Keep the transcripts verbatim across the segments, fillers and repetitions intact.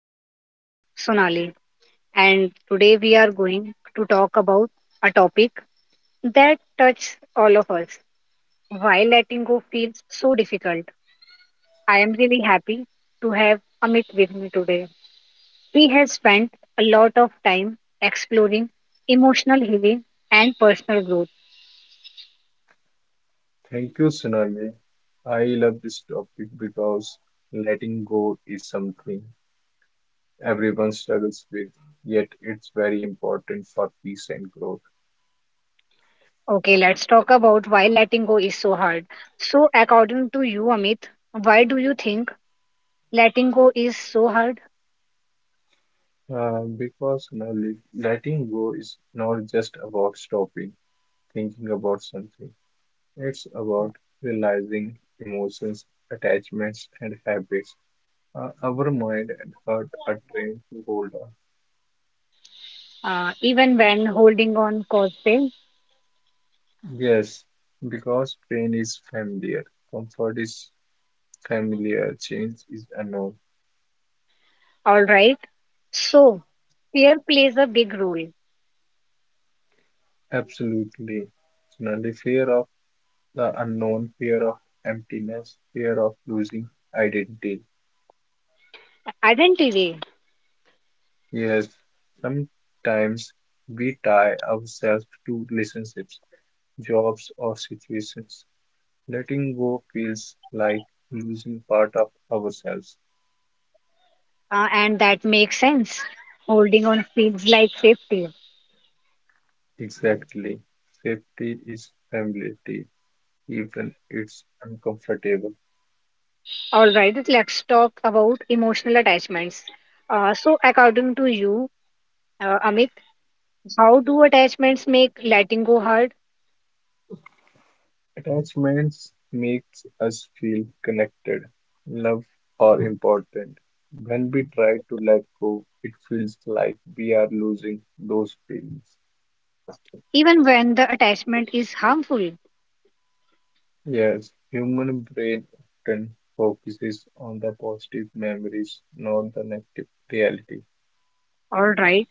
am your host, Sonali, and today we are going to talk about a topic that touches all of us. Why letting go feels so difficult. I am really happy to have Amit with me today. We have spent a lot of time exploring emotional healing and personal growth. Thank you, Sonali. I love this topic because letting go is something everyone struggles with, yet it's very important for peace and growth. Okay, let's talk about why letting go is so hard. So, according to you, Amit, why do you think? Letting go is so hard, Uh, because Sonali, letting go is not just about stopping thinking about something, it's about realizing emotions, attachments, and habits. Uh, our mind and heart are trained to hold on. uh, even when holding on cause pain. Yes, because pain is familiar, comfort is familiar, change is unknown. All right. So, fear plays a big role. Absolutely. Similarly, fear of the unknown, fear of emptiness, fear of losing identity. Identity, Yes, sometimes we tie ourselves to relationships, jobs, or situations. Letting go feels like losing part of ourselves. uh, and that makes sense. Holding on feels like safety. Exactly. Safety is familiarity, even it's uncomfortable. All right. Let's talk about emotional attachments. Uh, so, according to you, uh, Amit, how do attachments make letting go hard, Attachments makes us feel connected, loved, or important. When we try to let go, it feels like we are losing those feelings. even when the attachment is harmful? Yes, human brain often focuses on the positive memories, not the negative reality. All right.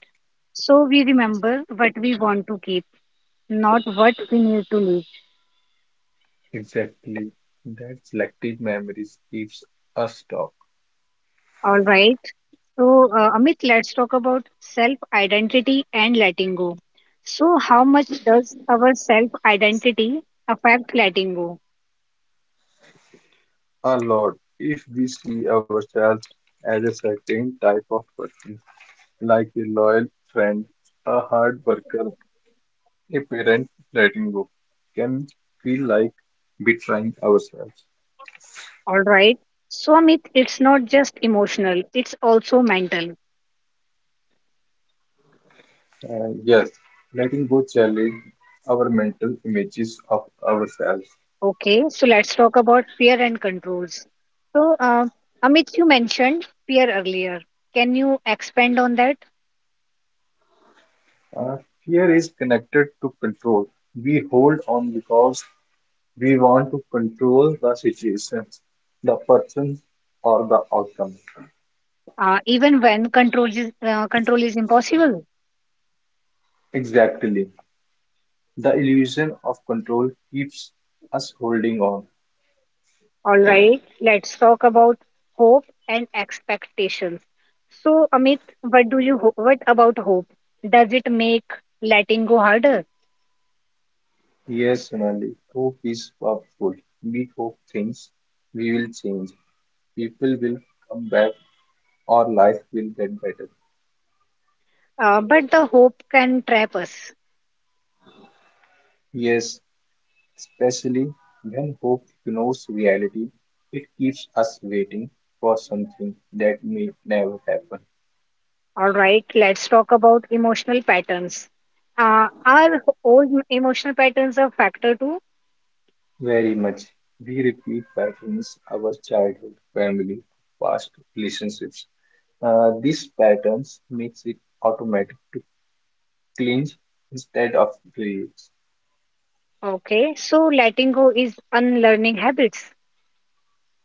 So, we remember what we want to keep, not what we need to leave. Exactly. That selective memories keeps us stuck All right. So, uh, Amit, let's talk about self identity and letting go. So, how much does our self identity affect letting go? a lot if we see ourselves as a certain type of person. Like a loyal friend, a hard worker, a parent letting go, can feel like betraying ourselves. All right. So, Amit, it's not just emotional, it's also mental. And yes, letting go challenge our mental images of ourselves. Okay. So, let's talk about fear and controls. So, uh, Amit, you mentioned fear earlier. Can you expand on that? Uh, Fear is connected to control. We hold on because we want to control the situations, the person, or the outcome. Uh, even when control is, uh, control is impossible? Exactly. The illusion of control keeps us holding on. All right, let's talk about hope and expectations. So, Amit, what do you ho- what about hope? Does it make letting go harder? Yes, Sonali, hope is powerful. We hope things we will change. People will come back or life will get better. Uh, but the hope can trap us. Yes, especially when hope ignores reality, it keeps us waiting for something that may never happen. All right, let's talk about emotional patterns. Uh, are old emotional patterns a factor too? Very much. We repeat patterns our childhood, family, past relationships. Uh, these patterns makes it automatic to cling instead of reuse. Okay, so letting go is unlearning habits.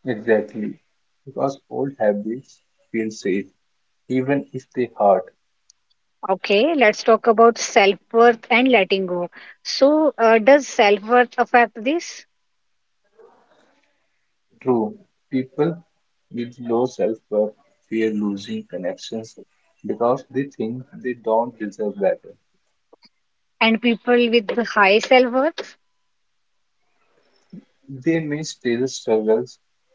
Exactly, because old habits feel safe even if they hurt. Okay, let's talk about self worth and letting go. So, uh, does self worth affect this? True, people with low self-worth fear losing connections because they think they don't deserve better. And people with the high self worth. They may still struggle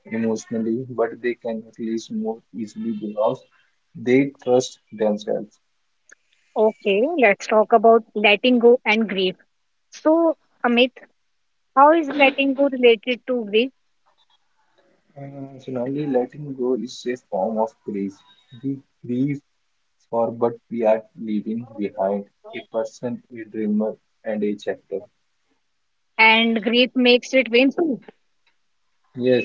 emotionally, but they can at least move easily because they trust themselves. Okay, let's talk about letting go and grief. So, Amit, how is letting go related to grief? Uh, finally, letting go is a form of grief. We grieve for but we are leaving behind a person, a dreamer, and a chapter. And grief makes it painful. Yes,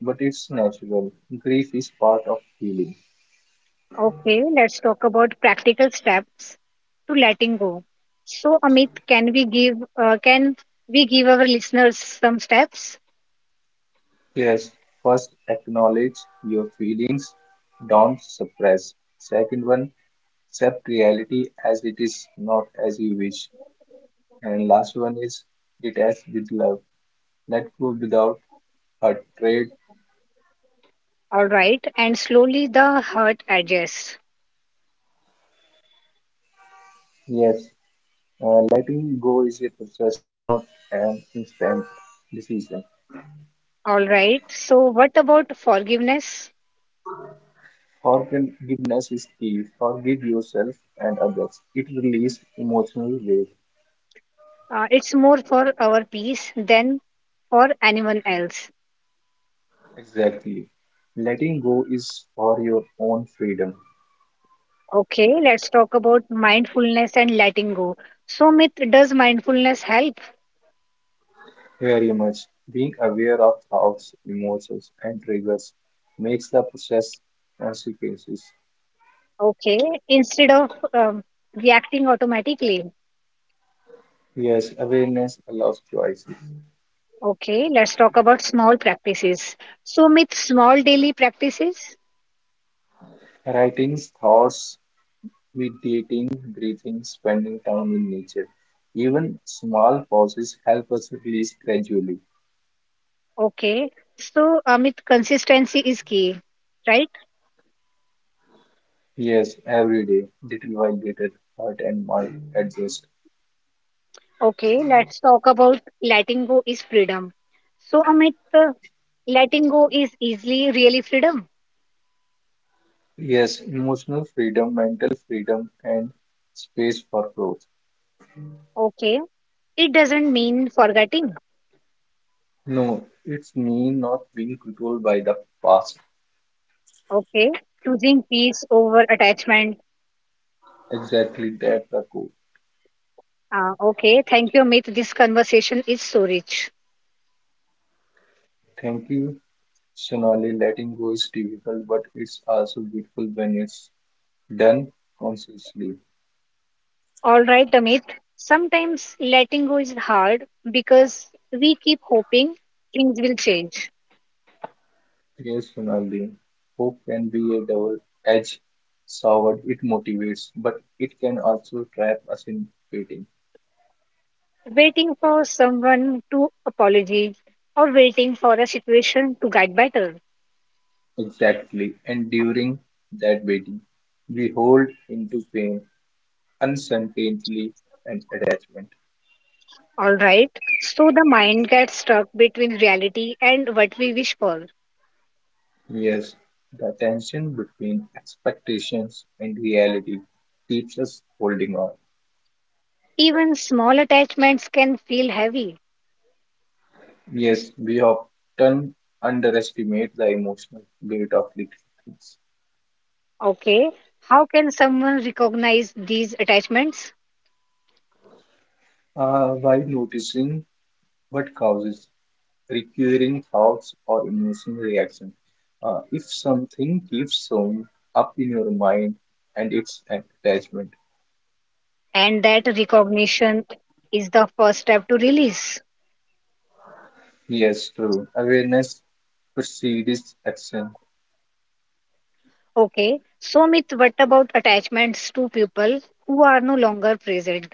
but it's natural. Grief is part of healing. Okay, let's talk about practical steps to letting go. So, Amit, can we give uh, can we give our listeners some steps? Yes, first acknowledge your feelings, don't suppress. Second one, accept reality as it is, not as you wish. And last one is detach with love. Let go without hatred. All right, and slowly the hurt adjusts. Yes, uh, letting go is a process, not an instant decision. All right. So, what about forgiveness? Forgiveness is key. Forgive yourself and others. It releases emotional weight. Uh, it's more for our peace than for anyone else. Exactly. Letting go is for your own freedom. Okay, let's talk about mindfulness and letting go. So, Myth, does mindfulness help? Very much. Being aware of thoughts, emotions, and triggers makes the process consequences. Okay, instead of um, reacting automatically. Yes, awareness allows choices. Okay, let's talk about small practices. So, Myth, small daily practices. Writing thoughts, meditating, breathing, spending time in nature. Even small pauses help us release gradually. Okay, so Amit, consistency is key, right? Yes, every day, little by little, heart and mind adjust. Okay, let's talk about letting go is freedom. So, Amit, uh, letting go is easily really freedom. Yes, emotional freedom, mental freedom, and space for growth. Okay. It doesn't mean forgetting. No, it's me not being controlled by the past. Okay. Choosing peace over attachment. Exactly that the goal. Uh, okay. Thank you, Amit. This conversation is so rich. Thank you, Sonali. Letting go is difficult, but it's also beautiful when it's done consciously. All right, Amit. Sometimes letting go is hard because we keep hoping things will change. Yes, Sonali. Hope can be a double-edged sword. It motivates, but it can also trap us in waiting. Waiting for someone to apologize or waiting for a situation to get better. Exactly. And during that waiting, we hold into pain, uncertainty, and attachment. All right. So the mind gets stuck between reality and what we wish for. Yes, the tension between expectations and reality keeps us holding on. Even small attachments can feel heavy. Yes, we often underestimate the emotional weight of little things. Okay. How can someone recognize these attachments? Uh, while noticing what causes recurring thoughts or emotional reaction. Uh, if something keeps showing up in your mind and it's an attachment. And that recognition is the first step to release. Yes, true. Awareness precedes action. Okay. So, Mit, what about attachments to people who are no longer present?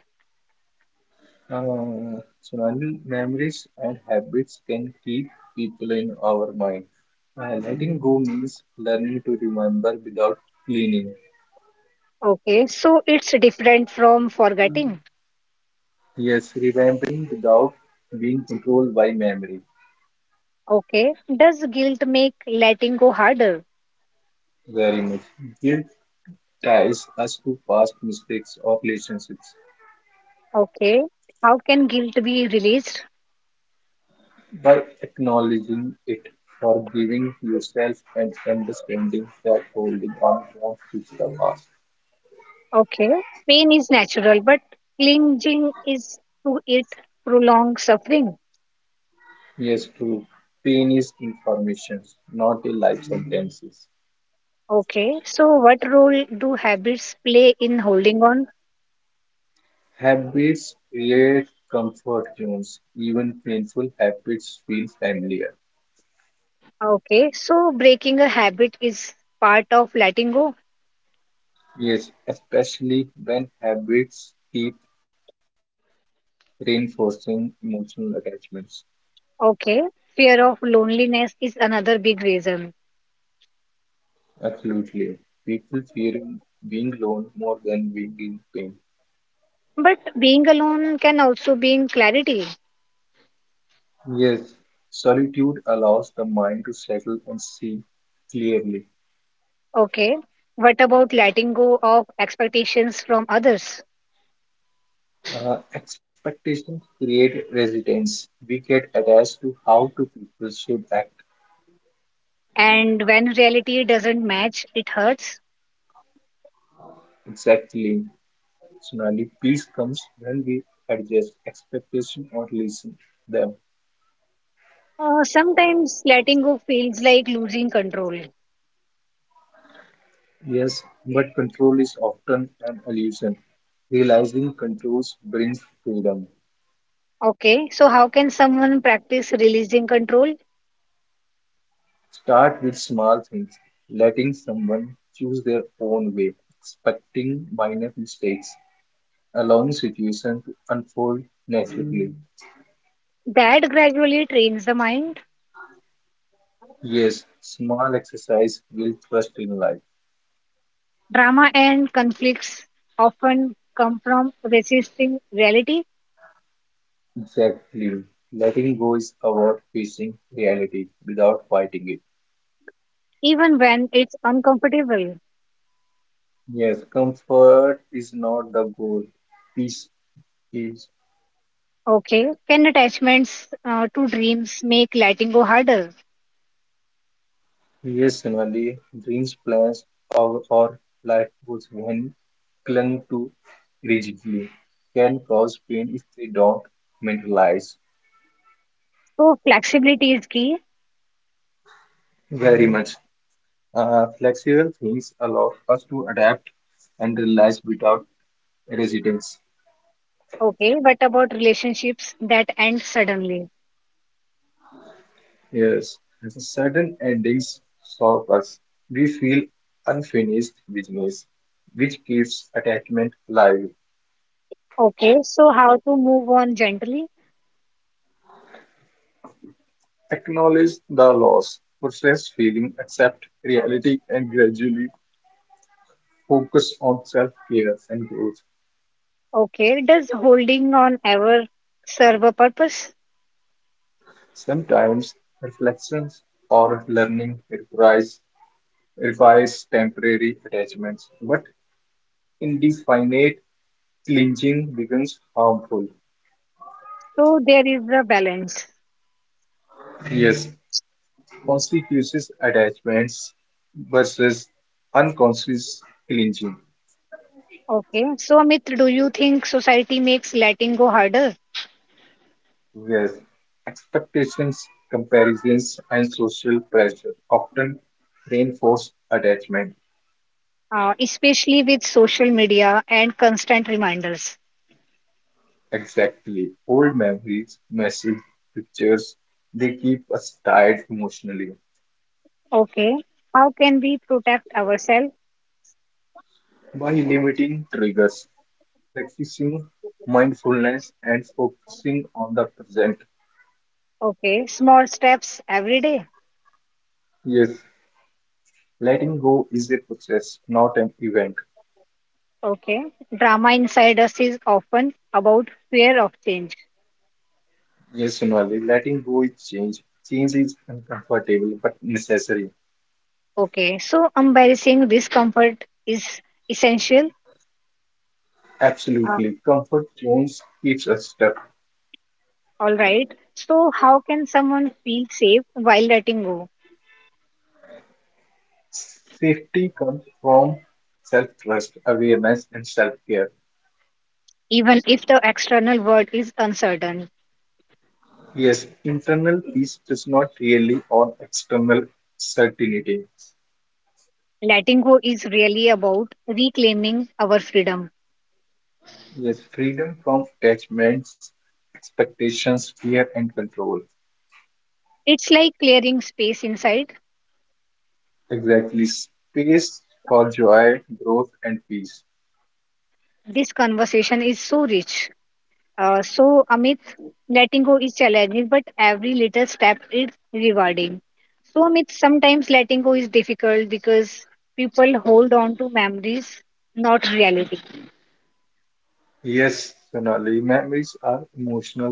Uh, surrounding memories and habits can keep people in our mind. Uh, letting go means learning to remember without cleaning. Okay. So, it's different from forgetting. Yes, remembering without being controlled by memory. Okay. Does guilt make letting go harder? Very much. Guilt ties us to past mistakes or relationships. Okay. How can guilt be released? By acknowledging it, forgiving yourself, and understanding that holding on won't fix the past. Okay. Pain is natural, but clinging is to it prolonged suffering. Yes, true. Pain is information, not a life sentences. Okay, so what role do habits play in holding on? Habits create comfort zones. Even painful habits feel familiar. Okay, so breaking a habit is part of letting go. Yes, especially when habits keep reinforcing emotional attachments. Okay, fear of loneliness is another big reason. Absolutely. People fearing being alone more than being in pain. But being alone can also bring clarity. Yes, solitude allows the mind to settle and see clearly. Okay, what about letting go of expectations from others? Uh, expectations create resistance. We get attached to how two people should act And when reality doesn't match, it hurts. exactly. Sonali, peace comes when we adjust expectation or listen them. Uh, sometimes letting go feels like losing control. Yes, but control is often an illusion. Realizing controls brings freedom. Okay, so how can someone practice releasing control? Start with small things, letting someone choose their own way, expecting minor mistakes, allowing situation to unfold naturally. That gradually trains the mind. Yes, small exercise will trust in life. Drama and conflicts often come from resisting reality, Exactly. Letting go is about facing reality without fighting it. even when it's uncomfortable. Yes, comfort is not the goal. Peace is. Okay, can attachments uh, to dreams make letting go harder? Yes, occasionally, dreams, plans, or, or life goals, when clung to rigidly, can cause pain if they don't mentalize So, flexibility is key. very much. Uh, flexible things allow us to adapt and realize without resistance. Okay, what about relationships that end suddenly? Yes, certain endings stop us. We feel unfinished business, which keeps attachment alive. Okay, so how to move on gently? Acknowledge the loss, process feeling, accept reality, and gradually focus on self care and growth. Okay, does holding on ever serve a purpose? Sometimes reflections or learning requires, requires temporary attachments, but indefinite clinging becomes harmful. So, there is a balance. Yes, conspicuous attachments versus unconscious clinging. Okay. So, Amit, do you think society makes letting go harder, Yes, expectations, comparisons, and social pressure often reinforce attachment. uh, especially with social media and constant reminders? Exactly. Old memories, messages, pictures, they keep us tied emotionally. Okay. How can we protect ourselves? By limiting triggers, practicing mindfulness, and focusing on the present. Okay. Small steps every day. Yes, letting go is a process, not an event. Okay. Drama inside us is often about fear of change. Yes, Sonali, letting go is change. Change is uncomfortable but necessary. Okay. So, embarrassing discomfort is essential. Uh, Absolutely. Comfort zones keeps us stuck. all right. So, how can someone feel safe while letting go, Safety comes from self-trust, awareness, and self-care. even if the external world is uncertain? Yes, internal peace does not really on external certainty. Letting go is really about reclaiming our freedom. Yes, freedom from attachments, expectations, fear, and control. It's like clearing space inside. Exactly. Space for joy, growth, and peace. This conversation is so rich. Uh, so, Amit, letting go is challenging, but every little step is rewarding. So, Amit, sometimes letting go is difficult because people hold on to memories, not reality. Yes, Sonali, memories are emotional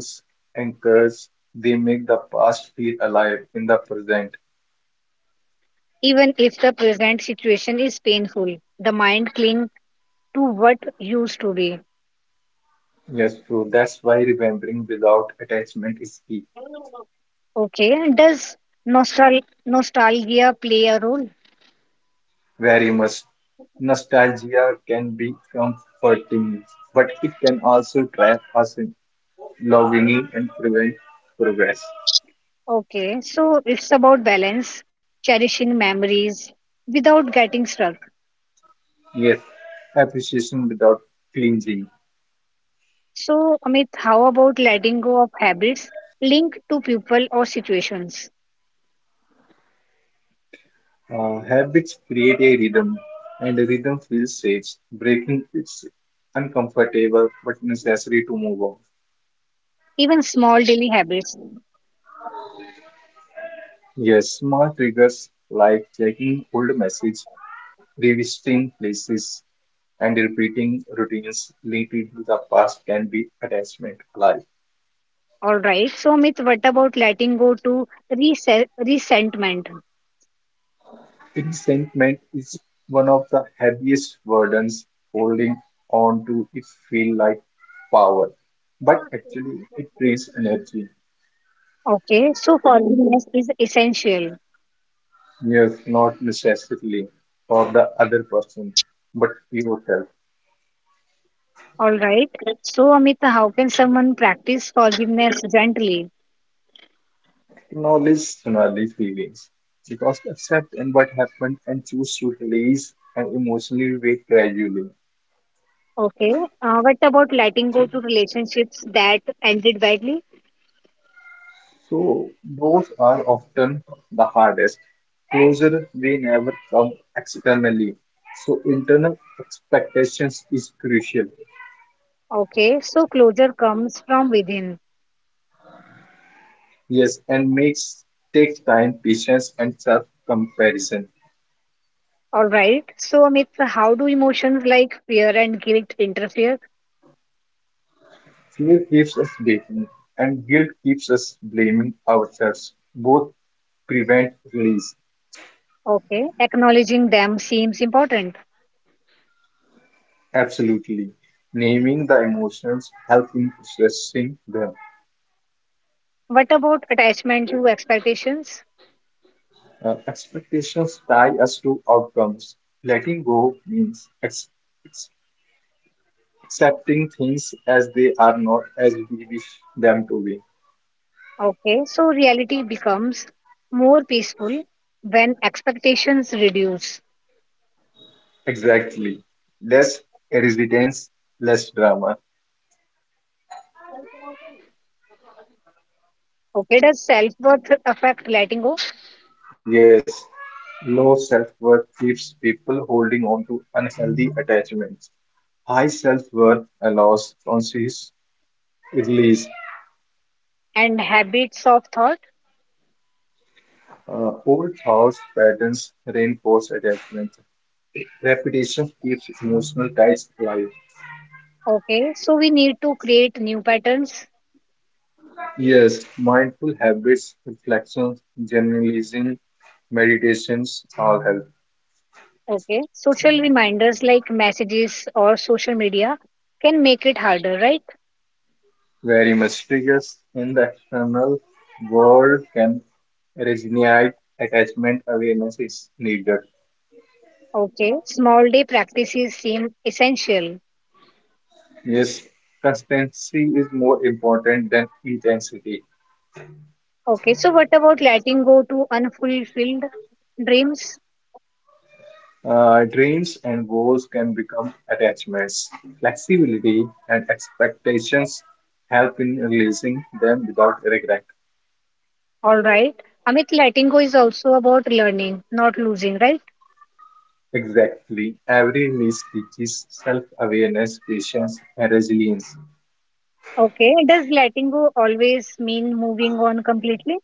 anchors. They make the past feel alive in the present. Even if the present situation is painful, the mind clings to what used to be. Yes, true. That's why remembering without attachment is key. Okay, does nostal nostalgia play a role? Very much. Nostalgia can be comforting, but it can also trap us in longing and prevent progress. Okay, so it's about balance, cherishing memories without getting stuck. Yes, appreciation without cleansing. So, Amit, how about letting go of habits linked to people or situations, Uh, habits create a rhythm, and a rhythm feels safe. Breaking it's uncomfortable but necessary to move on. even small daily habits? Yes, small triggers like checking old messages, revisiting places and repeating routines related to the past can be attachment alive. All right. So, Amit, what about letting go to rese- resentment? Resentment is one of the heaviest burdens holding on to it feel like power. But actually it drains energy. Okay, so forgiveness is essential. Yes, not necessarily for the other person, but yourself. All right. So, Amit, how can someone practice forgiveness gently? Acknowledge Sonali feelings. Because accept and what happened and choose to release and emotionally wait gradually. Okay. Uh, what about letting go to relationships that ended badly? So those are often the hardest. Closure we never come externally. So internal expectations is crucial. Okay, so closure comes from within. Yes, and makes takes time, patience, and self-comparison. All right. So, Amit, so how do emotions like fear and guilt interfere? Fear keeps us waiting, and guilt keeps us blaming ourselves. Both prevent release. Okay, acknowledging them seems important. Absolutely. Naming the emotions help in processing them. What about attachment to expectations? Uh, expectations tie us to outcomes. Letting go means ex- ex- accepting things as they are not as we wish them to be. Okay, so reality becomes more peaceful when expectations reduce. Exactly. Less resistance, less drama. Okay, does self worth affect letting go Yes, low self worth keeps people holding on to unhealthy attachments. High self worth allows conscious release. and habits of thought? Uh, old thoughts, patterns reinforce attachment. Repetition keeps emotional ties alive. Okay, so we need to create new patterns. Yes, mindful habits, reflections, generalizing, meditations all help. Okay. Social reminders like messages or social media can make it harder, right? Very much triggers in the external world can originate attachment awareness is needed. Okay. Small day practices seem essential. Yes, consistency is more important than intensity. Okay. So, what about letting go to unfulfilled dreams? Uh, dreams and goals can become attachments. Flexibility and expectations help in releasing them without regret. All right. Amit, letting go is also about learning, not losing, right? Exactly. Every release teaches self-awareness, patience, and resilience. Okay. Does letting go always mean moving on completely?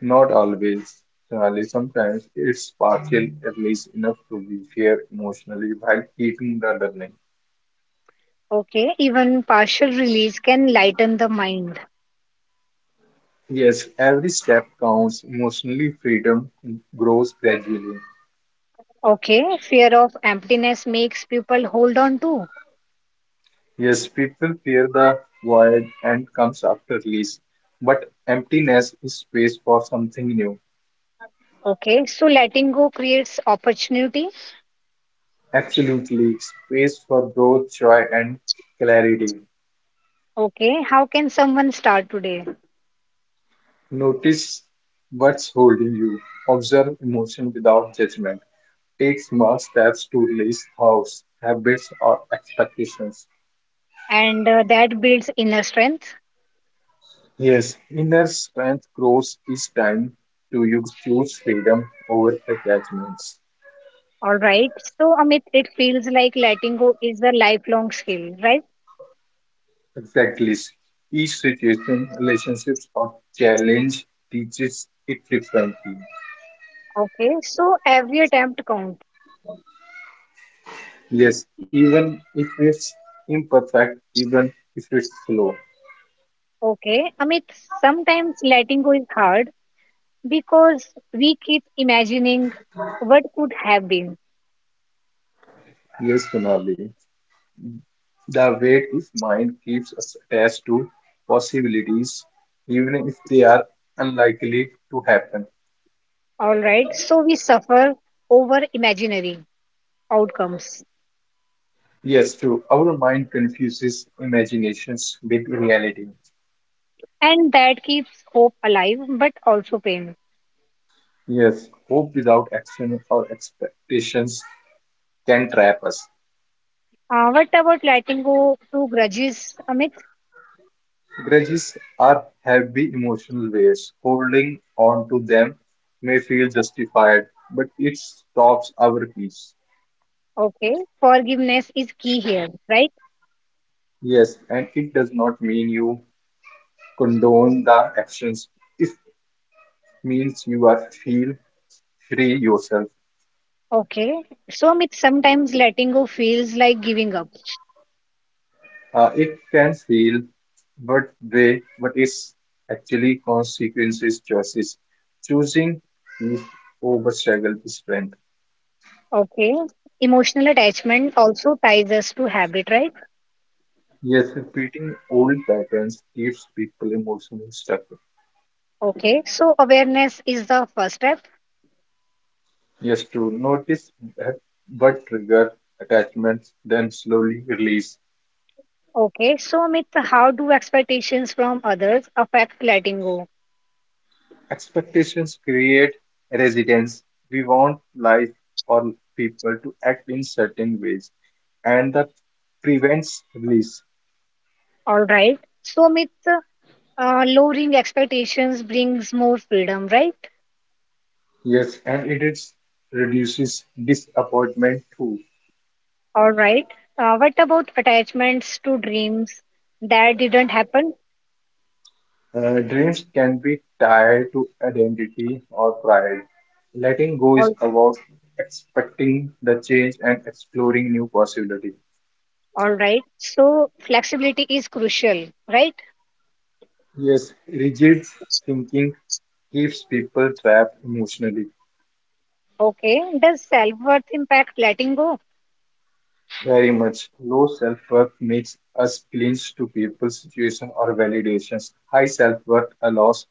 Not always. Surely sometimes it's partial release enough to be fair emotionally while keeping the learning. Okay. Even partial release can lighten the mind. Yes, every step counts. Emotionally, freedom grows gradually. Okay. Fear of emptiness makes people hold on to. Yes, people fear the void and comes after release, but emptiness is space for something new. Okay, so letting go creates opportunity. Absolutely, space for growth, joy, and clarity. Okay, how can someone start today? Notice what's holding you. Observe emotion without judgment. Take small steps to release thoughts, habits, or expectations. And uh, that builds inner strength. Yes, inner strength grows each time to you choose freedom over attachments. All right. So, Amit, it feels like letting go is a lifelong skill, right? Exactly. Each situation, relationships, or challenge teaches it differently. Okay, so every attempt counts. Yes, even if it's imperfect, even if it's slow. Okay, Amit, sometimes letting go is hard because we keep imagining what could have been. Yes, Sonali. The weight of mind keeps us attached to possibilities, even if they are unlikely to happen. All right, so we suffer over imaginary outcomes, Yes, true. Our mind confuses imaginations with reality. and that keeps hope alive but also pain. Yes, hope without action or expectations can trap us. Uh, what about letting go to grudges, Amit? Grudges are heavy emotional weights. Holding on to them may feel justified, but it stops our peace. Okay, forgiveness is key here, right? Yes, and it does not mean you condone the actions. If means you are feel free yourself. Okay, so Amit, sometimes letting go feels like giving up. Uh, it can feel what way, but it's actually consequences choices. Choosing peace over struggle is strength. Okay, emotional attachment also ties us to habit, right? Yes, repeating old patterns keeps people emotionally stuck. Okay, so awareness is the first step. Yes, to notice that, but trigger attachments, then slowly release. Okay, so Amit, how do expectations from others affect letting go? Expectations create resistance. We want life or people to act in certain ways, and that prevents release. All right, so Amit, uh, lowering expectations brings more freedom, right? Yes, and it is reduces disappointment too. All right. Uh, what about attachments to dreams that didn't happen? Uh, dreams can be tied to identity or pride. Letting go is All, about expecting the change and exploring new possibilities. all right. So flexibility is crucial, right? Yes, rigid thinking keeps people trapped emotionally. Okay. Does self-worth impact letting go? Very much. Low self-worth makes us clinch to people, situations, or validations. High self-worth allows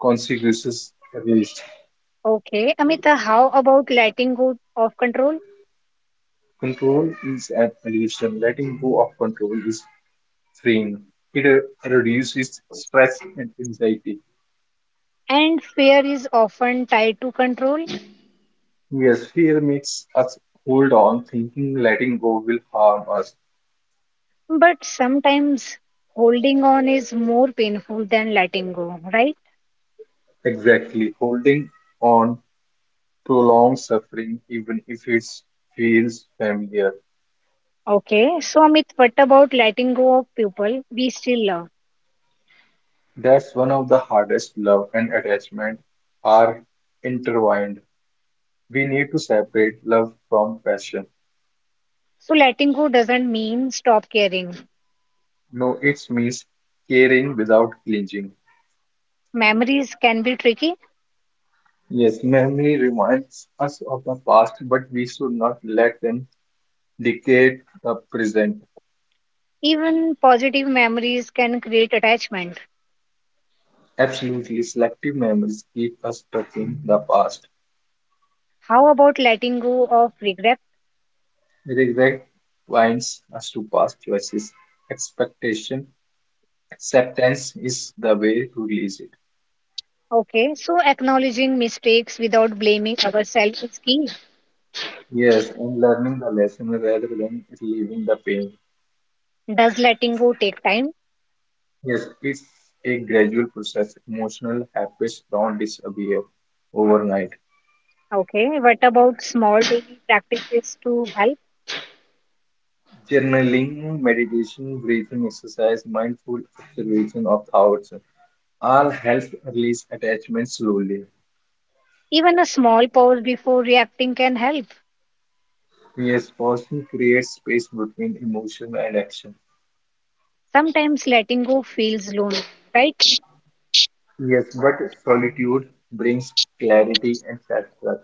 consequences erased. Okay. Amita, how about letting go of control? Control is an illusion. Letting go of control is freeing. It uh, reduces stress and anxiety. And fear is often tied to control, Yes, fear makes us hold on, thinking letting go will harm us. but sometimes holding on is more painful than letting go, right? Exactly. Holding on prolongs suffering, even if it feels familiar. Okay. So, Amit, what about letting go of people we still love? That's one of the hardest. Love and attachment are intertwined. We need to separate love from passion. So, letting go doesn't mean stop caring. No, it means caring without clinging. Memories can be tricky. Yes, memory reminds us of the past, but we should not let them dictate the present. Even positive memories can create attachment. Absolutely, selective memories keep us stuck in the past. How about letting go of regret? Regret binds us to past choices. Expectation, acceptance is the way to release it. Okay, so acknowledging mistakes without blaming ourselves is key. Yes, and learning the lesson rather than relieving the pain. Does letting go take time? Yes, it's a gradual process. Emotional habits don't disappear overnight. Okay, what about small daily practices to help? Journaling, meditation, breathing exercise, mindful observation of thoughts all help release attachment slowly. Even a small pause before reacting can help. Yes, pausing creates space between emotion and action. Sometimes letting go feels lonely, right? Yes, but solitude brings clarity and satisfaction.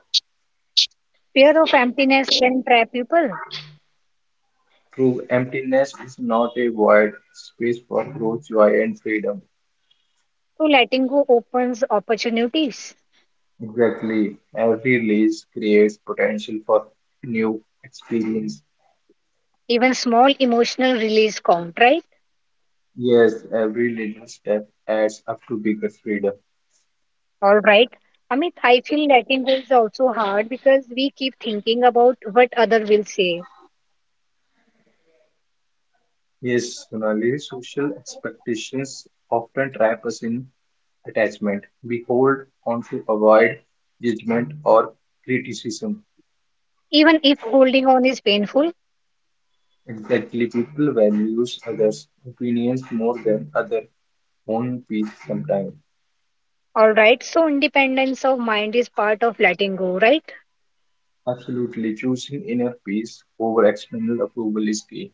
Fear of emptiness can trap people. True, emptiness is not a void, it's space for growth, joy, and freedom. So letting go opens opportunities. Exactly. Every release creates potential for new experience. Even small emotional release count, right? Yes, every little step adds up to bigger freedom. All right. Amit, I feel letting go is also hard because we keep thinking about what other will say. Yes, Sonali, social expectations often trap us in attachment. We hold on to avoid judgment or criticism. Even if holding on is painful, Exactly, people values others' opinions more than other own peace sometimes. all right. So independence of mind is part of letting go, right? Absolutely, choosing inner peace over external approval is key.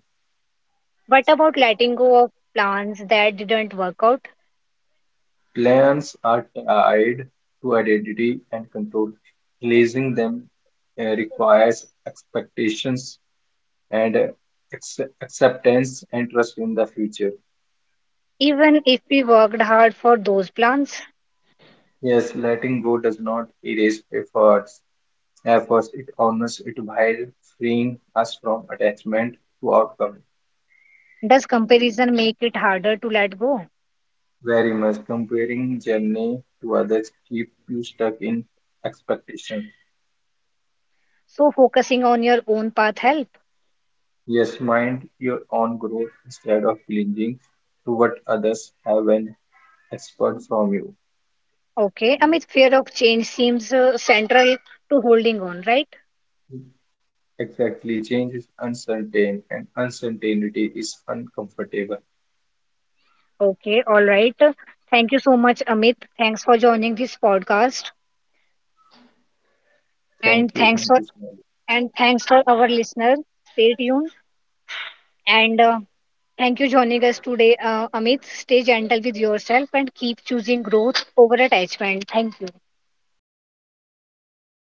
What about letting go of plans that didn't work out? Plans are uh, tied to identity and control. Releasing them uh, requires expectations and uh, acce- acceptance and trust in the future. Even if we worked hard for those plans, Yes, letting go does not erase efforts. Efforts it honors it by freeing us from attachment to outcome. does comparison make it harder to let go? Very much comparing journey to others keep you stuck in expectations. So focusing on your own path helps. Yes, mind your own growth instead of clinging to what others have and expect from you. Okay, I mean, fear of change seems uh, central to holding on, right? Exactly, change is uncertain and uncertainty is uncomfortable. Okay, all right. Thank you so much, Amit. Thanks for joining this podcast, Thank and you, thank thanks you, for Sonali. and thanks for our listener. Stay tuned, and uh, thank you joining us today, uh, Amit. Stay gentle with yourself and keep choosing growth over attachment. Thank you. Thank you.